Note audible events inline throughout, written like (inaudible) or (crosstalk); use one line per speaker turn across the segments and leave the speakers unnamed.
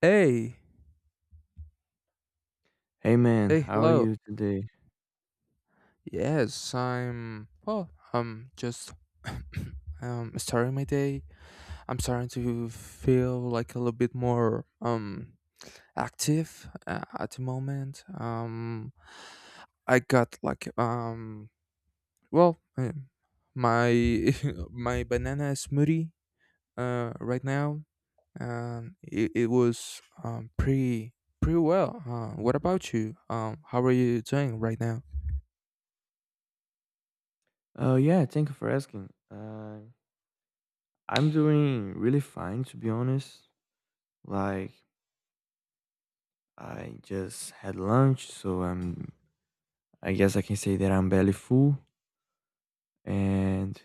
Hey,
Hey man,
hey,
how are
hello.
you today?
Yes, I'm well, I'm just (coughs) (clears throat) starting my day. I'm starting to feel like a little bit more active at the moment. I got like well, uh, my (laughs) my banana smoothie right now and it was pretty well. What about you? How are you doing right now?
Oh yeah, thank you for asking. I'm doing really fine to be honest. Like I just had lunch. I guess I can say that I'm belly full. And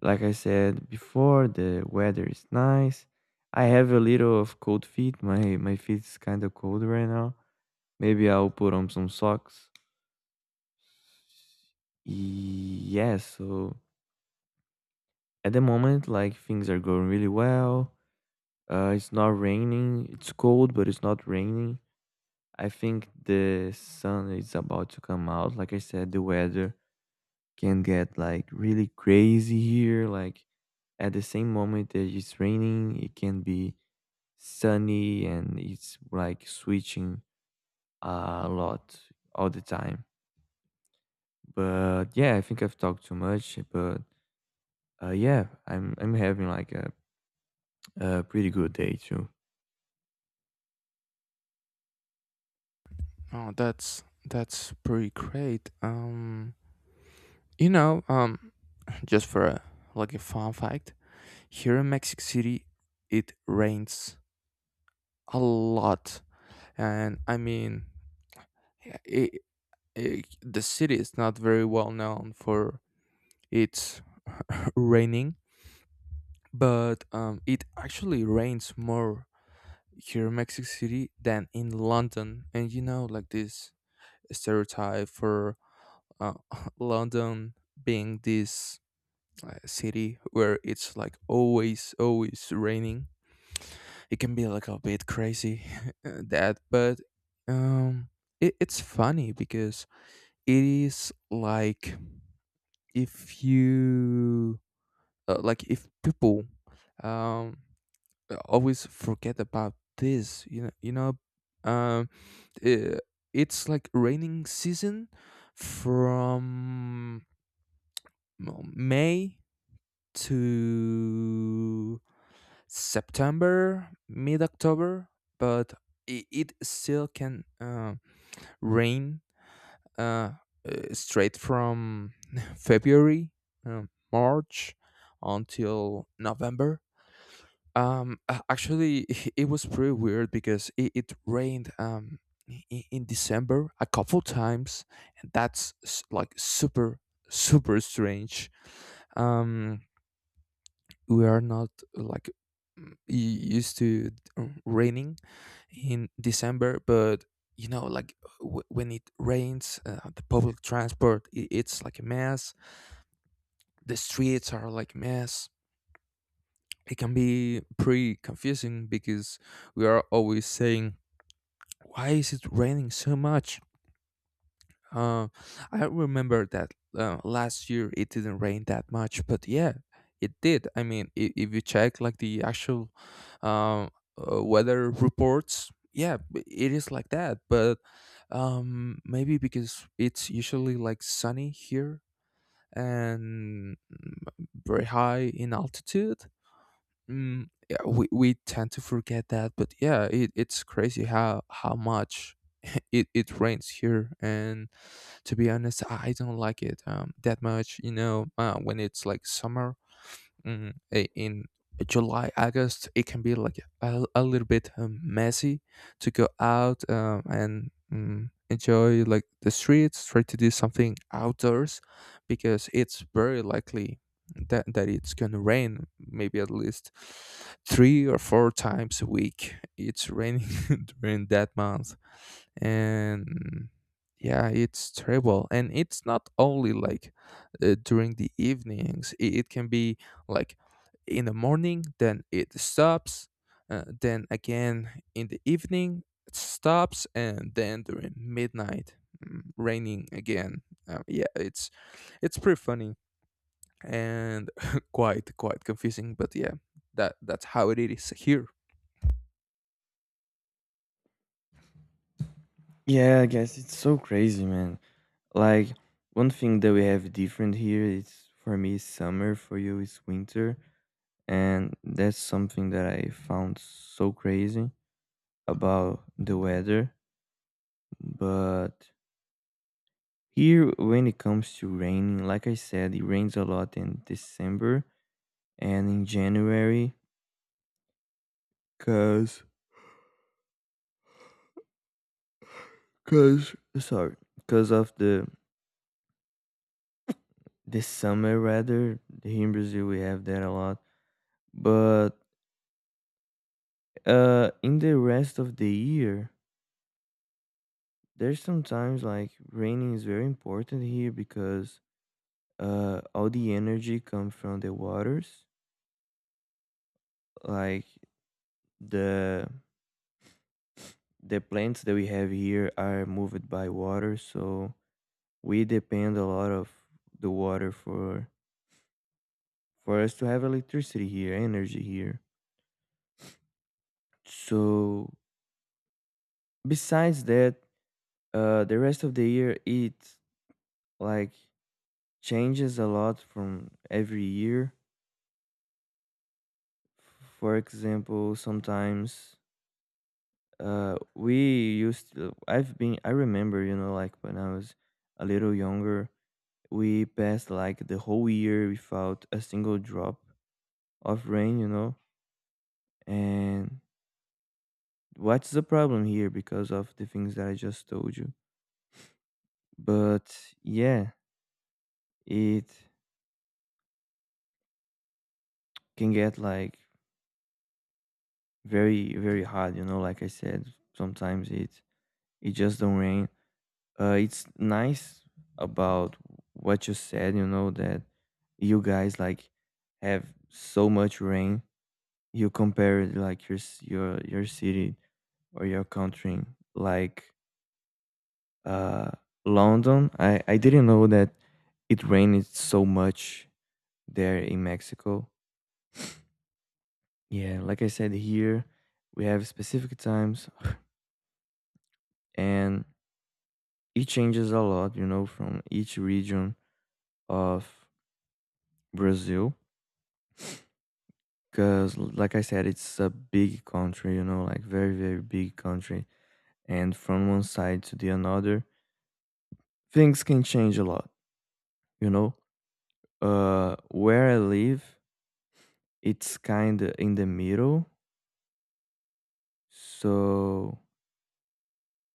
like I said before, the weather is nice. I have a little of cold feet. My feet is kind of cold right now. Maybe I'll put on some socks. Yeah, so at the moment like things are going really well. It's not raining. It's cold, but it's not raining. I think the sun is about to come out. Like I said, the weather can get like really crazy here. Like at the same moment that it's raining, it can be sunny and it's like switching a lot all the time. But yeah, I think I've talked too much. But yeah, I'm having like a pretty good day too.
Oh, that's pretty great. You know, um, just for like a fun fact, here in Mexico City, it rains a lot, and it, it, the city is not very well known for its (laughs) raining, but it actually rains more here in Mexico City than in London, and you know, like this stereotype for uh, (laughs) London being this city where it's like always raining. It can be like a bit crazy (laughs) that but um it's funny because it is like if you like if people um always forget about this um uh, it's like raining season from well, May to September, mid October, but it still can rain uh, straight from (laughs) February, uh, March until November. Actually, (laughs) it was pretty weird because it rained in December a couple times, and like super, super strange. Um, we are not like used to raining in December, but you know, like when it rains, the public transport I it's like a mess. The streets are like mess. It can be pretty confusing because we are always saying, "Why is it raining so much?" Uh, I remember that last year it didn't rain that much, but yeah, it did. I mean, if you check like the actual um, weather reports, yeah, it is like that. But maybe because it's usually like sunny here and very high in altitude, mm, yeah, we tend to forget that. But yeah, it's crazy how much (laughs) it rains here, and to be honest, I don't like it that much, you know, when it's like summer, in July, August, it can be like a little bit messy to go out and enjoy like the streets, try to do something outdoors because it's very likely that it's going to rain maybe at least three or four times a week. It's raining (laughs) during that month. And yeah, it's terrible. And it's not only like during the evenings, it can be like in the morning, then it stops, then again in the evening it stops, and then during midnight raining again. Yeah, it's pretty funny and (laughs) quite confusing, but yeah, that's how it is here.
Yeah, I guess it's so crazy, man. Like one thing that we have different here is for me is summer, for you is winter, and that's something that I found so crazy about the weather. But here, when it comes to raining, like I said, it rains a lot in December and in January, cause, cause, sorry, cause of the summer rather. Here in Brazil, we have that a lot, but in the rest of the year there's sometimes like raining is very important here because all the energy comes from the waters. Like the the plants that we have here are moved by water, so we depend a lot of the water for us to have electricity here, energy here. So besides that, the rest of the year it like changes a lot from every year. For example, sometimes I've been I remember, you know, like when I was a little younger, we passed like the whole year without a single drop of rain, you know. And what's the problem here because of the things that I just told you. But yeah, it can get like very hot, you know, like I said, sometimes it just don't rain. It's nice about what you said, you know, that you guys like have so much rain. You compare like your your city or your country like uh London. I didn't know that it rained so much there in Mexico. Yeah, like I said, here we have specific times, and it changes a lot, you know, from each region of Brazil. Because, like I said, it's a big country, you know, like very big country. And from one side to the another, things can change a lot, you know. Where I live, it's kind of in the middle. So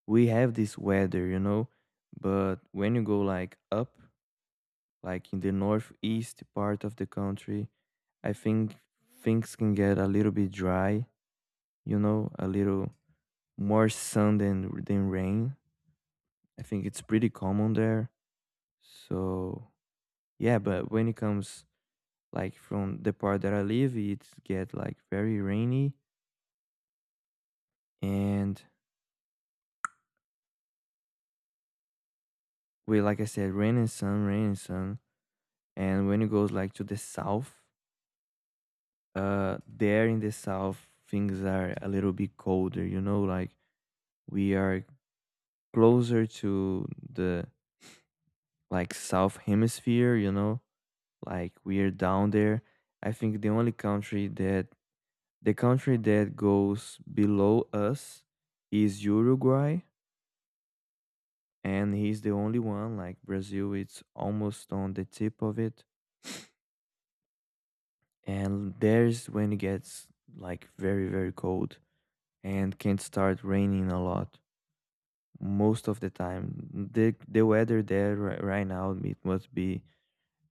we have this weather, you know. But when you go like up, like in the northeast part of the country, I think things can get a little bit dry, you know, a little more sun than rain. I think it's pretty common there. So yeah, but when it comes like from the part that I live, it get like very rainy. And we, like I said, rain and sun, rain and sun. And when it goes like to the south, there in the south things are a little bit colder, you know, like we are closer to the like south hemisphere, you know, like we are down there. I think the only country that The country that goes below us is Uruguay, and he's the only one. Like Brazil, it's almost on the tip of it, (sniffs) and there's when it gets like very cold and can start raining a lot most of the time. The weather there right now it must be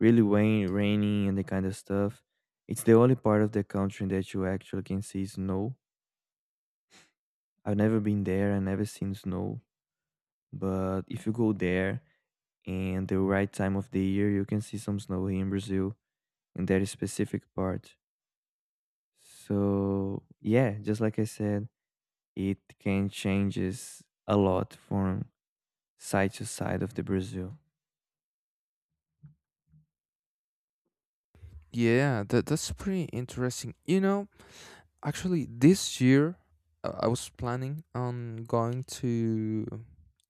really raining and the kind of stuff. It's the only part of the country that you actually can see snow. I've never been there. I never seen snow. But if you go there and the right time of the year, you can see some snow here in Brazil in that specific part. So yeah, just like I said, it can changes a lot from side to side of the Brazil.
Yeah, that's pretty interesting, you know. Actually, this year I was planning on going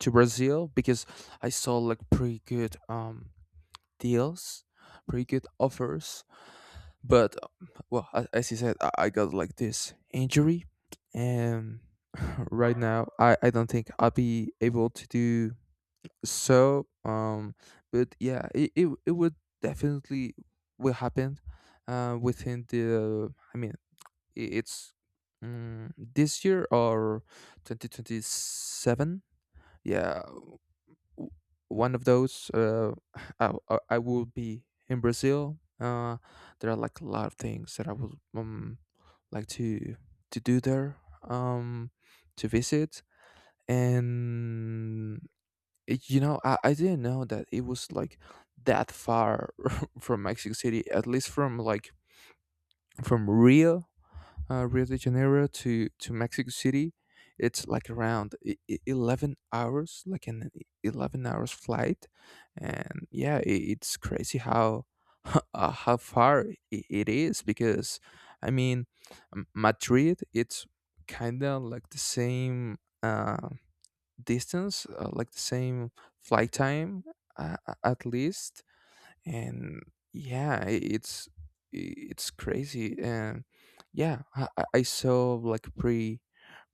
to Brazil because I saw like pretty good deals, pretty good offers. But as you said, I got like this injury, and (laughs) right now I don't think I'll be able to do so. But yeah, it would definitely will happen within the I mean it's mm, this year or 2027. yeah w- one of those. (sighs) (laughs) I will be in Brazil. There are like a lot of things that I would like to do there, um, to visit. And you know, I didn't know that it was like that far (laughs) from Mexico City, at least from like from Rio. Rio de Janeiro to Mexico City, it's like around 11 hours, like an 11 hours flight, and yeah, I it's crazy how (laughs) how far it is because, I mean, Madrid, it's kind of like the same distance, like the same flight time, uh, at least. And yeah, it's it's crazy. And yeah, I saw like pretty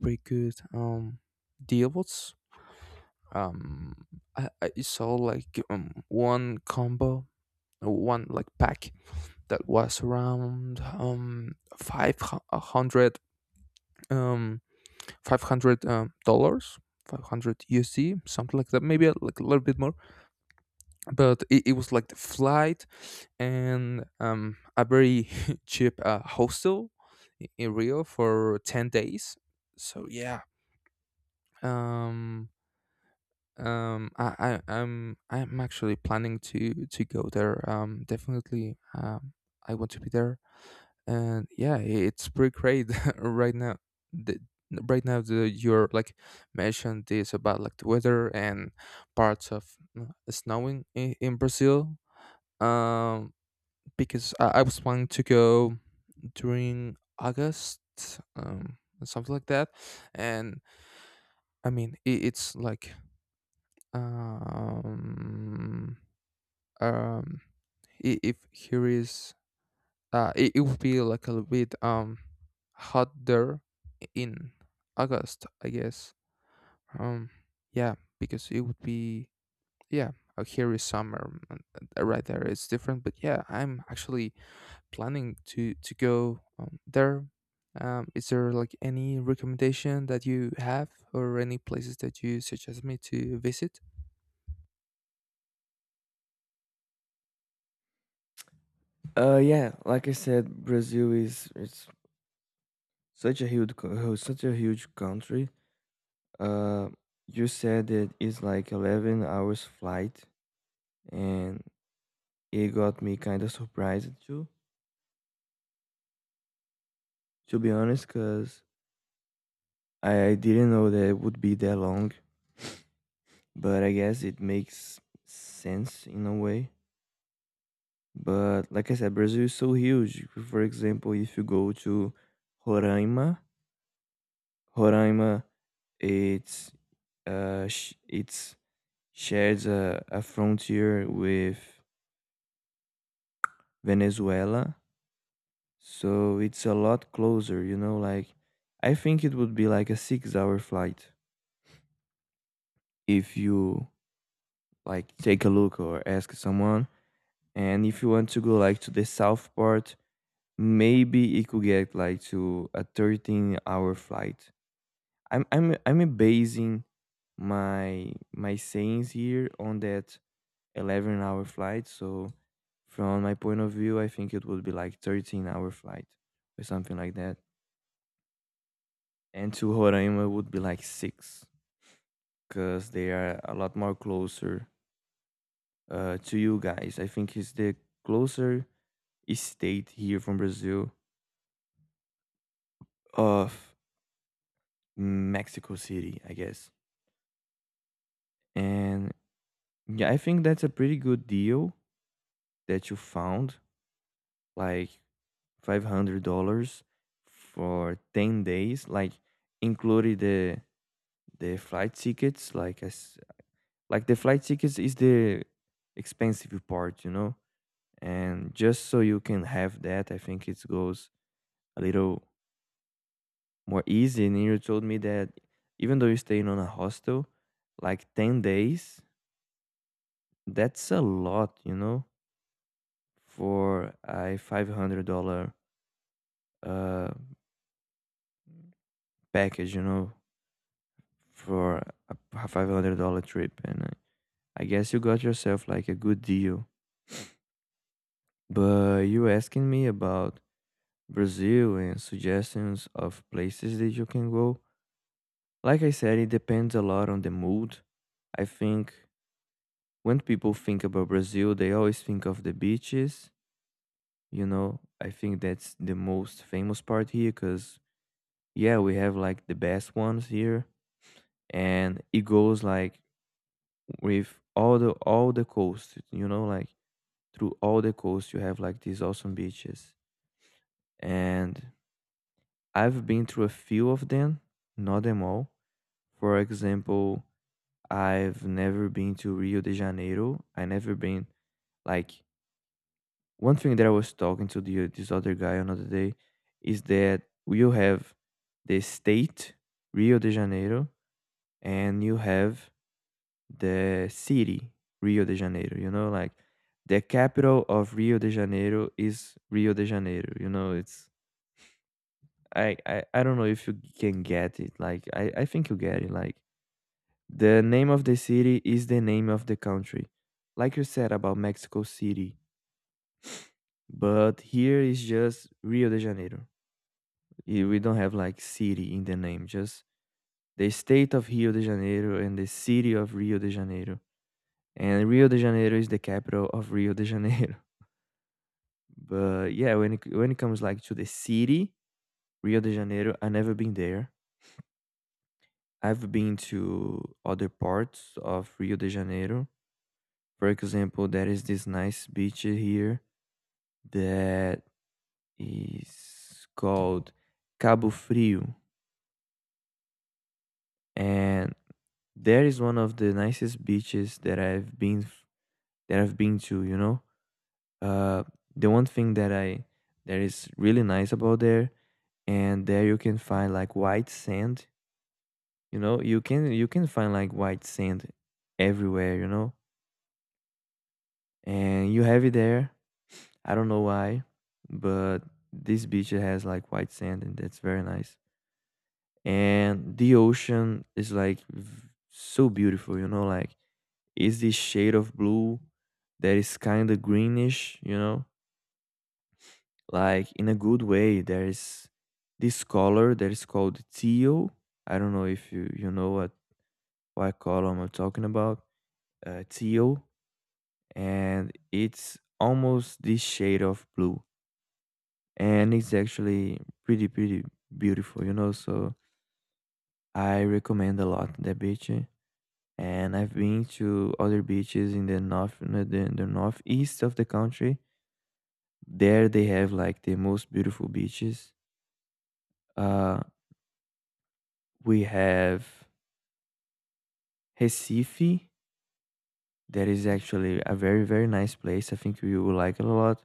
pretty good deals. um I saw like one combo, one like pack that was around 500, um 500 dollars, 500 usd, something like that, maybe like a little bit more, but it was like the flight and a very (laughs) cheap hostel in Rio for 10 days. So yeah, um, I'm actually planning to go there. Definitely, I want to be there, and yeah, it's pretty great (laughs) right now. The, right now the you're like mentioned this about like the weather and parts of snowing in Brazil, um because I was planning to go during August, um, something like that. And I mean, I it's like um, um, if here is it it would be like a little bit hot there in August, I guess. Um, yeah, because it would be yeah. Here is summer, and right there. It's different, but yeah, I'm actually planning to go there. Is there like any recommendation that you have, or any places that you suggest me to visit?
Yeah, like I said, Brazil is it's such a such a huge country. Uh, you said that it's like 11 hours flight, and it got me kind of surprised too, to be honest, because I didn't know that it would be that long, but I guess it makes sense in a way. But like I said, Brazil is so huge. For example, if you go to Roraima, Roraima, it's it's shares a frontier with Venezuela, so it's a lot closer. You know, like I think it would be like a six-hour flight if you like take a look or ask someone. And if you want to go like to the south part, maybe it could get like to a 13-hour flight. I'm basing my sayings here on that 11-hour flight. So from my point of view, I think it would be like 13-hour flight or something like that. And to Roraima would be like 6, because they are a lot more closer to you guys. I think it's the closer state here from Brazil of Mexico City, I guess. And yeah, I think that's a pretty good deal that you found, like $500 for 10 days, like included the flight tickets, like as like the flight tickets is the expensive part, you know. And just so you can have that, I think it goes a little more easy. And you told me that even though you're staying on a hostel, like 10 days, that's a lot, you know, for a $500 uh, package, you know, for a $500 trip. And I guess you got yourself like a good deal. But you asking me about Brazil and suggestions of places that you can go. Like I said, it depends a lot on the mood. I think when people think about Brazil, they always think of the beaches. You know, I think that's the most famous part here because, yeah, we have like the best ones here and it goes like with all the coast, you know, like through all the coast you have like these awesome beaches. And I've been through a few of them, not them all. For example, I've never been to Rio de Janeiro. I never been like one thing that I was talking to this other guy another day is that you have the state Rio de Janeiro and you have the city Rio de Janeiro. You know, like the capital of Rio de Janeiro is Rio de Janeiro. You know, it's I don't know if you can get it. Like I think you get it. Like the name of the city is the name of the country, like you said about Mexico City. But here is just Rio de Janeiro. Eh, we don't have like city in the name. Just the state of Rio de Janeiro and the city of Rio de Janeiro. And Rio de Janeiro is the capital of Rio de Janeiro. But yeah, when it comes like to the city, Rio de Janeiro, I never been there. I've been to other parts of Rio de Janeiro. For example, there is this nice beach here that is called Cabo Frio, and there is one of the nicest beaches that I've been to. You know, uh, the one thing that I that is really nice about there and there you can find like white sand. You know, you can find like white sand everywhere, you know? And you have it there. I don't know why, but this beach has like white sand and that's very nice. And the ocean is like so beautiful, you know, like it's this shade of blue that is kind of greenish, you know? Like in a good way, there is this color that is called teal. I don't know if you you know what color I'm talking about. Teal, and it's almost this shade of blue, and it's actually pretty beautiful, you know. So I recommend a lot that beach. And I've been to other beaches in the north, in the northeast of the country. There they have like the most beautiful beaches. uh we have Recife, that is actually a very nice place. I think we will like it a lot.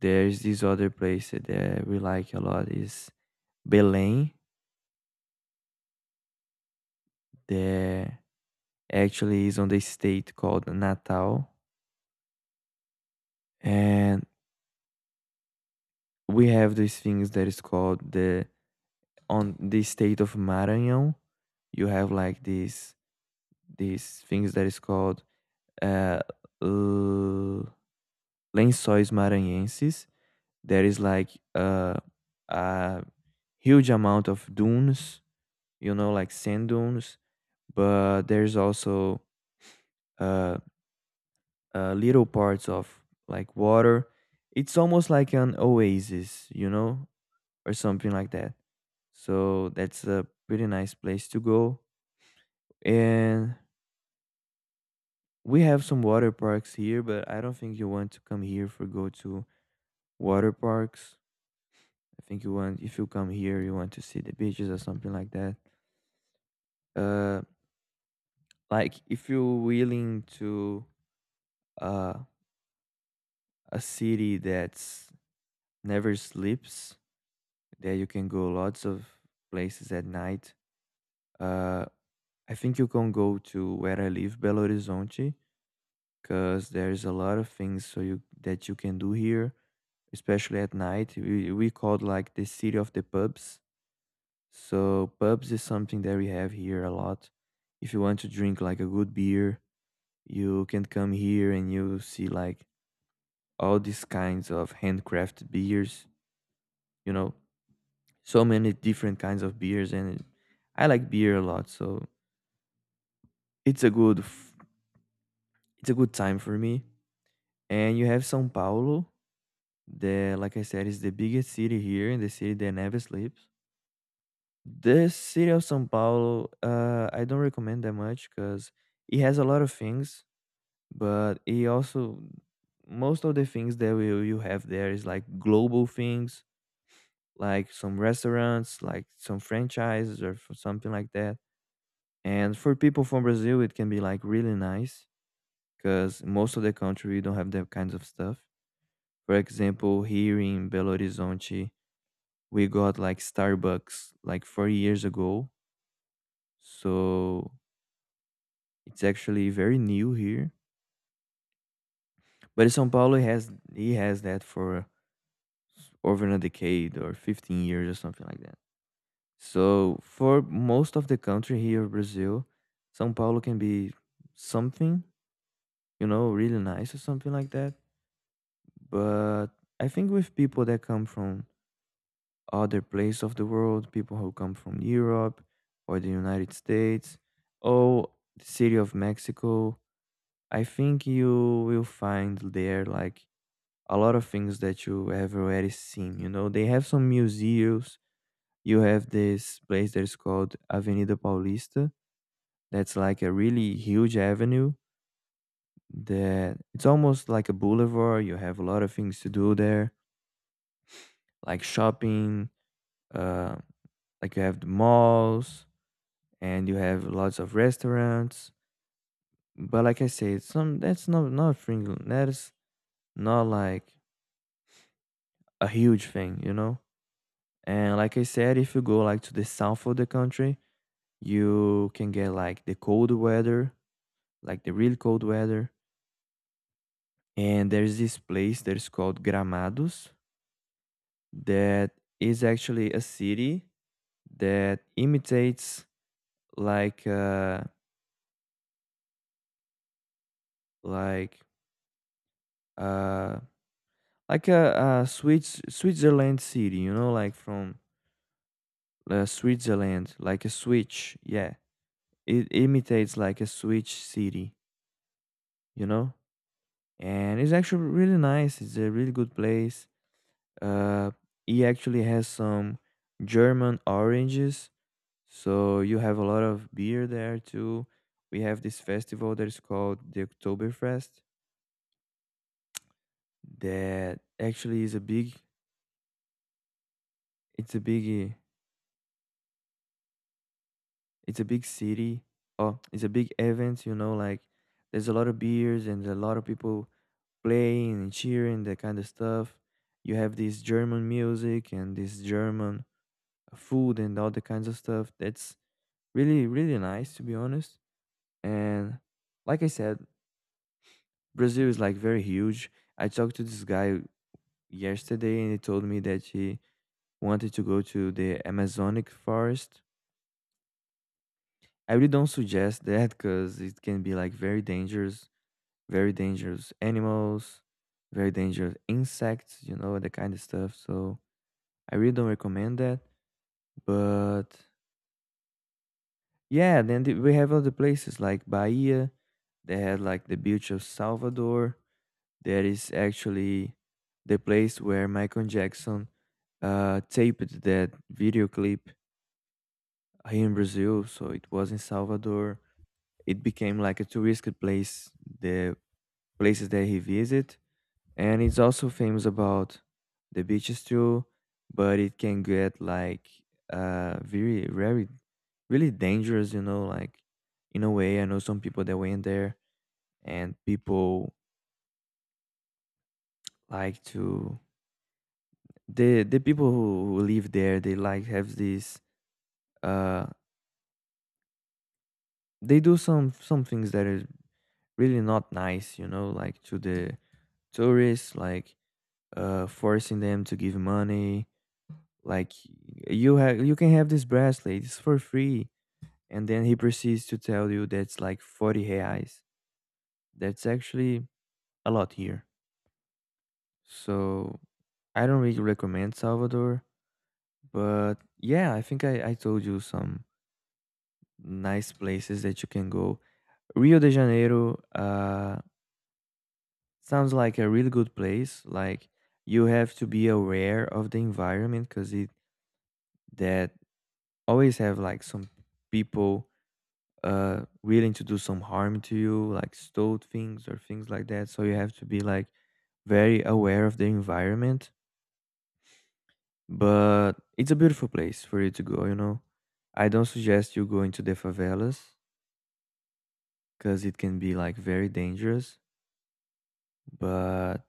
There's this other place that we like a lot is Belém, that actually is on the state called Natal. And we have these things that is called the on the state of Maranhão. You have like these things that is called uh, l- lençóis maranhenses. There is like a huge amount of dunes, you know, like sand dunes, but there's also uh, little parts of like water. It's almost like an oasis, you know, or something like that. So that's a pretty nice place to go. And we have some water parks here, but I don't think you want to come here for go to water parks. I think you want if you come here, you want to see the beaches or something like that. Uh, like if you're willing to uh a city that's never sleeps. There you can go lots of places at night. Uh, I think you can go to where I live, Belo Horizonte, because there's a lot of things so you that you can do here, especially at night. We called like the city of the pubs. So pubs is something that we have here a lot. If you want to drink like a good beer, you can come here and you see like all these kinds of handcrafted beers. You know, so many different kinds of beers, and I like beer a lot. So It's a good f it's a good time for me. And you have São Paulo that, like I said, is the biggest city here and the city that never sleeps. The city of São Paulo, I don't recommend that much because it has a lot of things, but it also most of the things that we you have there is like global things, like some restaurants, like some franchises or something like that. And for people from Brazil, it can be like really nice because most of the country we don't have that kinds of stuff. For example, here in Belo Horizonte, we got like Starbucks like 4 years ago. So it's actually very new here. But São Paulo has he has that for over a decade or 15 years or something like that. So for most of the country here in Brazil, São Paulo can be something, you know, really nice or something like that. But I think with people that come from other place of the world, people who come from Europe or the United States, or the city of Mexico. I think you will find there like a lot of things that you have already seen. You know, they have some museums. You have this place that is called Avenida Paulista. That's like a really huge avenue that it's almost like a boulevard. You have a lot of things to do there, like shopping, uh, like you have the malls, and you have lots of restaurants. But like I said, some that's not not Fringland. That is not like a huge thing, you know. And like I said, if you go like to the south of the country, you can get like the cold weather, like the really cold weather. And there's this place that is called Gramados, that is actually a city that imitates like uh like uh like a Swiss Switzerland city, you know, like from Switzerland, like a switch. Yeah, it imitates like a switch city, you know, and it's actually really nice. It's a really good place. Uh, he actually has some German oranges, so you have a lot of beer there too. We have this festival that is called the Oktoberfest that actually is a big. It's a biggie It's a big city. Oh, it's a big event, you know, like there's a lot of beers and a lot of people playing and cheering, that kind of stuff. You have this German music and this German food and all the kinds of stuff. That's really, really nice, to be honest. And like I said, Brazil is like very huge. I talked to this guy yesterday and he told me that he wanted to go to the Amazonic forest. I really don't suggest that because it can be like very dangerous animals, very dangerous insects, you know, the kind of stuff. So I really don't recommend that. But yeah, we have other places like Bahia. They had like the beach of Salvador. That is actually the place where Michael Jackson taped that video clip here in Brazil. So it was in Salvador. It became like a touristic place. The places that he visited, and it's also famous about the beaches too, but it can get like very very really dangerous, you know, like in a way. I know some people that went there, and people like to the people who, live there they like have this uh they do some things that are really not nice, you know, like to the tourists, like forcing them to give money, like you have you can have this bracelet it's for free, and then he proceeds to tell you that's like 40 reais. That's actually a lot here. So I don't really recommend Salvador. But yeah, I think I told you some nice places that you can go. Rio de Janeiro, sounds like a really good place. Like you have to be aware of the environment because it that always have like some people willing to do some harm to you, like stole things or things like that. So you have to be like very aware of the environment, but it's a beautiful place for you to go, you know. I don't suggest you going to the favelas because it can be like very dangerous. But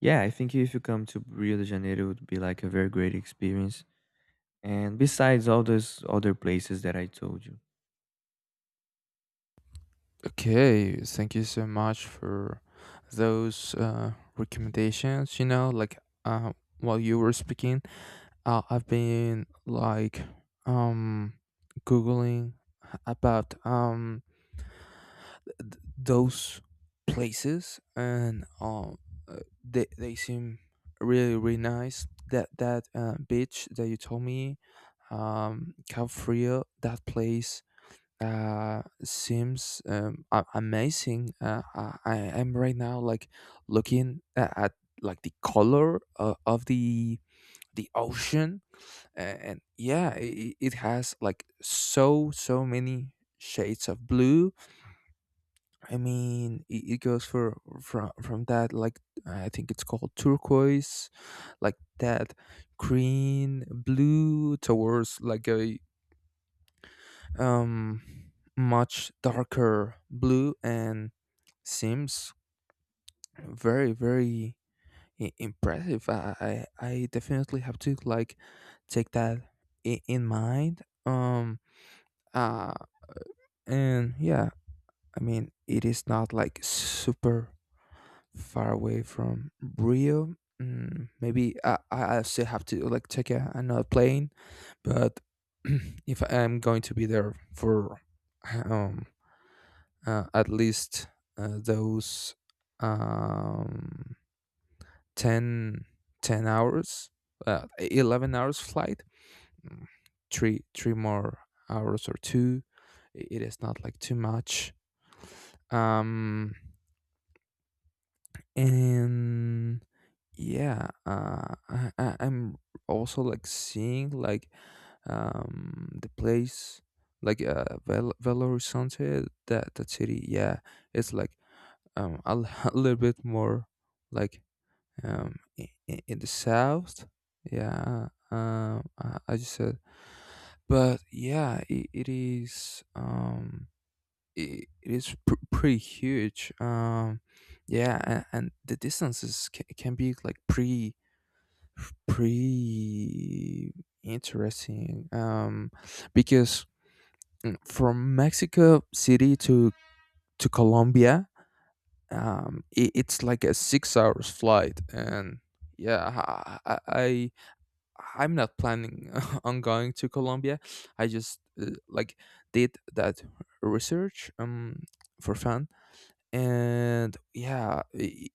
yeah, I think if you come to Rio de Janeiro it would be like a very great experience, and besides all those other places that I told you.
Okay, thank you so much for those recommendations. You know, like uh, while you were speaking, I've been like um googling about those places, and they seem really really nice. That beach that you told me, Cap Frio, that place seems amazing. I am right now like looking at like the color of the ocean, and yeah, it has like so so many shades of blue. I mean, it goes for from that like, I think it's called turquoise, like that green blue towards like a um, much darker blue, and seems very very impressive. I definitely have to like take that in mind. Uh, and yeah, I mean it is not like super far away from Rio. Maybe I still have to like take another plane, but (clears throat) if I'm going to be there for um at least those um, 10 10 hours, 11 hours flight, mm, three more hours or two. I- It is not like too much. Um, and yeah, I'm also like seeing like the place like Belo Horizonte, that city. Yeah, it's like um, a, l- (laughs) a little bit more like in the south. Yeah, I just said, but yeah, it is it is pretty huge. Yeah, and the distances can be like pretty pretty interesting. Because from Mexico City to Colombia, it's like a 6 hours flight. And yeah, I'm not planning (laughs) on going to Colombia, I just like did that research for fun. And yeah, I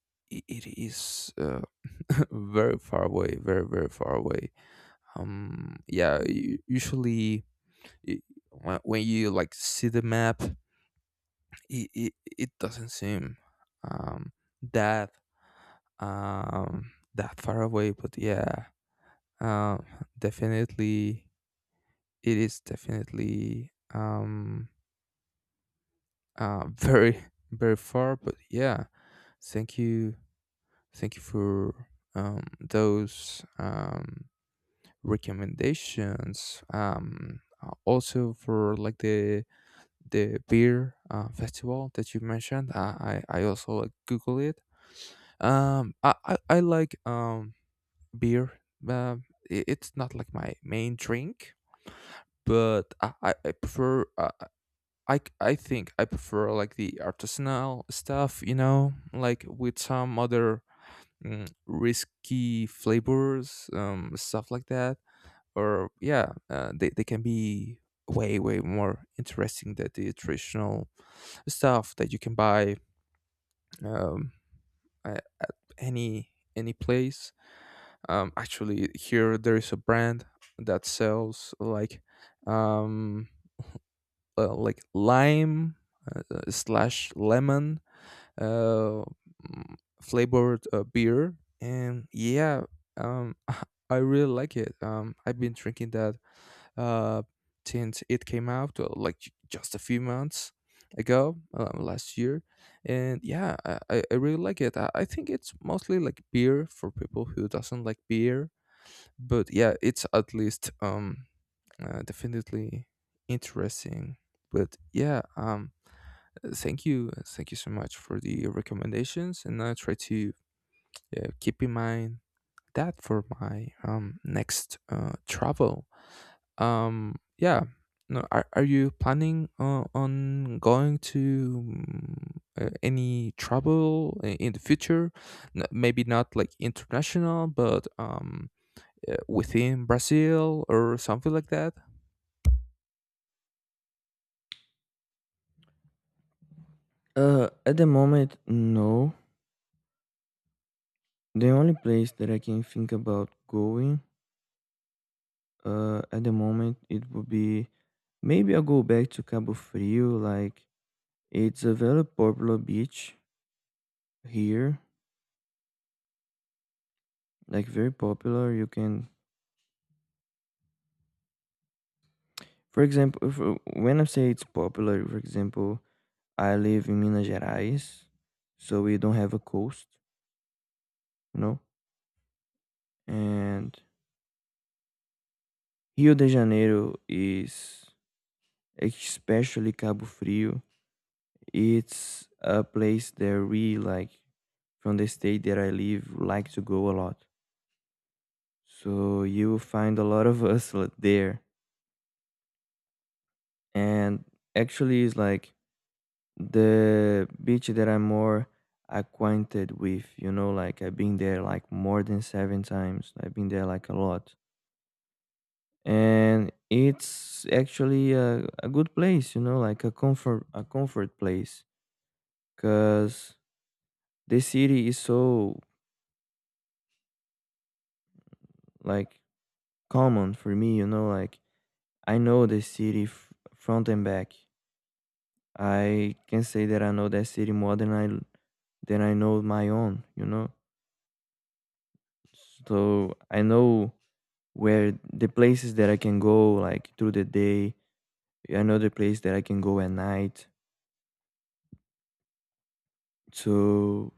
it is (laughs) very far away, very very far away. Yeah, usually i- when you like see the map, it doesn't seem um that that far away, but yeah, um definitely, it is definitely (laughs) very very far. But yeah, thank you thank you for those recommendations, also for like the beer festival that you mentioned. I also like google it. I like beer. Um, it's not like my main drink, but I prefer. I think I prefer like the artisanal stuff. You know, like with some other risky flavors, stuff like that. Or yeah, they can be way way more interesting than the traditional stuff that you can buy um, at any any place. Actually, here there is a brand that sells um, like lime, slash lemon, uh, mm, flavored beer, and yeah, um, (laughs) I really like it. I've been drinking that uh, since it came out, just a few months ago, last year, and yeah, I really like it. I think it's mostly like beer for people who doesn't like beer, but yeah, it's at least definitely interesting. But yeah, thank you so much for the recommendations, and I try to keep in mind that for my next travel. Yeah, no, are you planning on going to any travel in the future? Maybe not like international, but within Brazil or something like that?
Uh, at the moment, no. The only place that I can think about going, at the moment, it would be maybe I'll go back to Cabo Frio. Like it's a very popular beach here, like very popular. You can, for example, if, when I say it's popular, for example, I live in Minas Gerais, so we don't have a coast, you know. And Rio de Janeiro is especially Cabo Frio. It's a place that we like from the state that I live like to go a lot. So you will find a lot of us there. And actually, it's like the beach that I'm more acquainted with, you know, like I've been there like more than seven times. I've been there like a lot. And it's actually a good place, you know, like a comfort place. Cause the city is so like common for me, you know, like I know the city front and back. I can say that I know that city more than I know my own, you know. So I know where the places that I can go like through the day. I know the place that I can go at night. So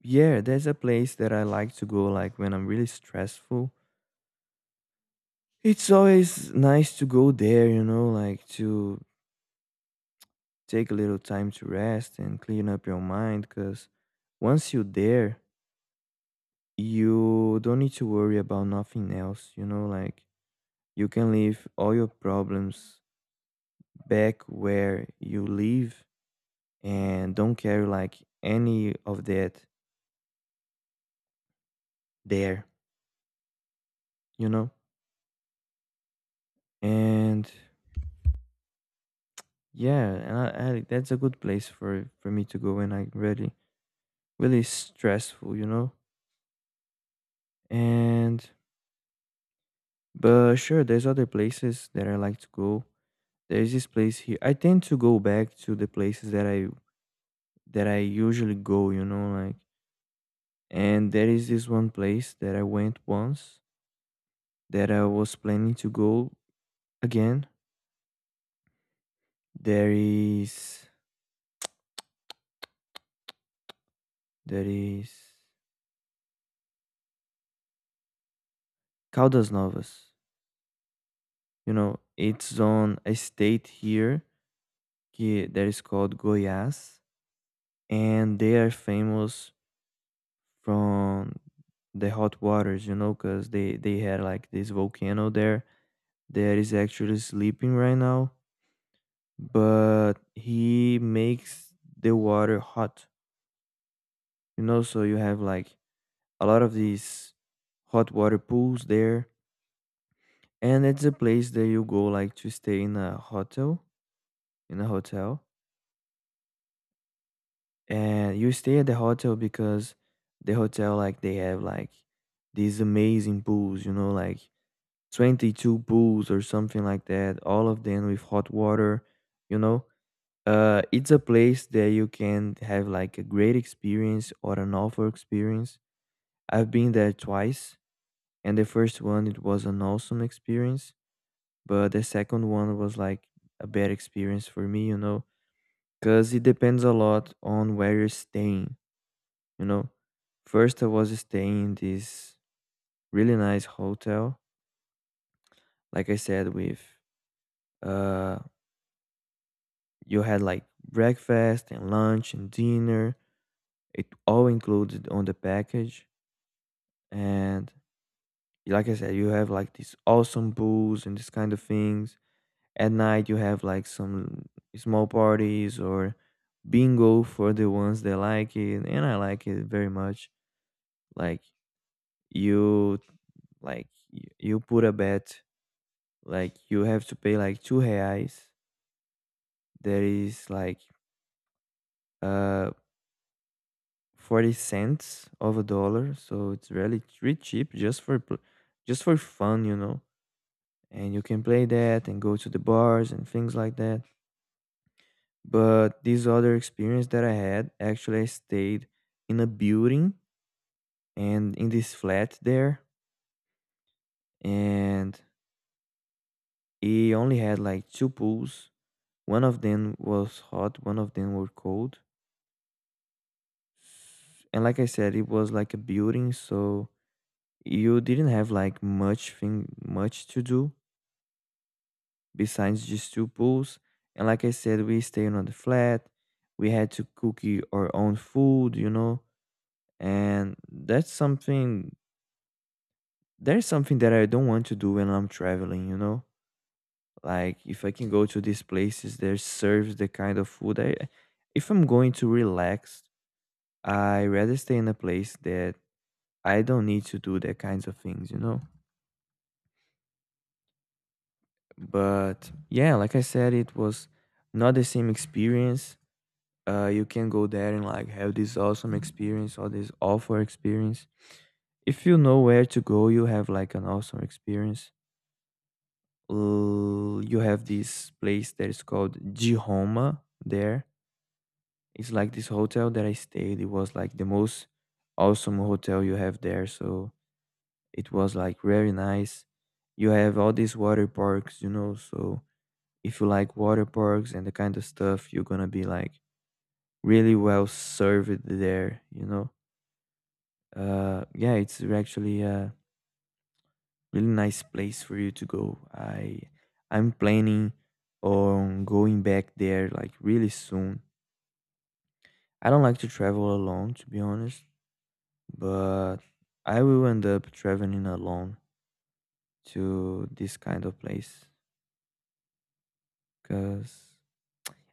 yeah, there's a place that I like to go like when I'm really stressful. It's always nice to go there, you know, like to take a little time to rest and clean up your mind cuz once you're there, you don't need to worry about nothing else, you know, like you can leave all your problems back where you live and don't carry like any of that there, you know? And yeah, and that's a good place for me to go when I really really stressful, you know? And but sure, there's other places that I like to go. There's this place here. I tend to go back to the places that I usually go, you know, like. And there is this one place that I went once that I was planning to go again. There is there is Caldas Novas. You know, it's on a state here that is called Goiás, and they are famous from the hot waters. You know, because they had like this volcano there that is actually sleeping right now, but he makes the water hot. You know, so you have like a lot of these hot water pools there, and it's a place that you go like to stay in a hotel, in a hotel, and you stay at the hotel because the hotel like they have like these amazing pools, you know, like 22 pools or something like that, all of them with hot water, you know. It's a place that you can have like a great experience or an awful experience. I've been there twice. And the first one, it was an awesome experience, but the second one was like a bad experience for me, you know, because it depends a lot on where you're staying, you know. First, I was staying in this really nice hotel, like I said, with uh, you had like breakfast and lunch and dinner, it all included on the package, and like I said, you have like these awesome pools and this kind of things. At night, you have like some small parties or bingo for the ones that like it, and I like it very much. Like you, like you put a bet, like you have to pay like two reais. That is like uh 40 cents of a dollar, so it's really really cheap just just for fun, you know. And you can play that and go to the bars and things like that. But this other experience that I had, actually, I stayed in a building and in this flat there, and it only had like two pools. One of them was hot, one of them were cold. And like I said, it was like a building, so you didn't have like much thing, much to do besides just two pools. And like I said, we stayed on the flat. We had to cook our own food, you know, and that's something there's something that I don't want to do when I'm traveling, you know? Like if I can go to these places that serves the kind of food I if I'm going to relax, I rather stay in a place that I don't need to do that kinds of things, you know? But yeah, like I said, it was not the same experience. You can go there and like have this awesome experience or this awful experience. If you know where to go, you have like an awesome experience. You have this place that is called Jihoma there. It's like this hotel that I stayed. It was like the most awesome hotel you have there. So it was like very nice. You have all these water parks, you know. So if you like water parks and the kind of stuff, you're gonna be like really well served there, you know. Yeah, it's actually really nice place for you to go. I'm planning on going back there like really soon. I don't like to travel alone to be honest, but I will end up traveling alone to this kind of place cuz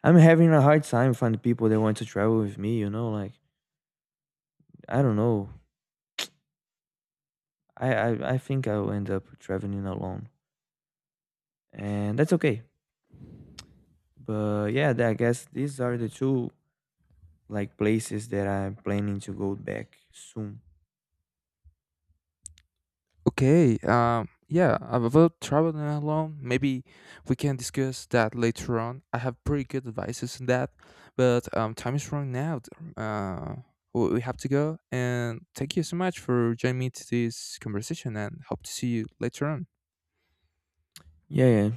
I'm having a hard time finding people that want to travel with me, you know, like I don't know. I think I'll end up traveling alone. And that's okay. But yeah, I guess these are the two like places that I'm planning to go back soon.
Okay. Yeah, about traveling alone, maybe we can discuss that later on. I have pretty good advices on that, but time is running out. Uh, we have to go, and thank you so much for joining me to this conversation, and hope to see you later on.
Yeah, yeah.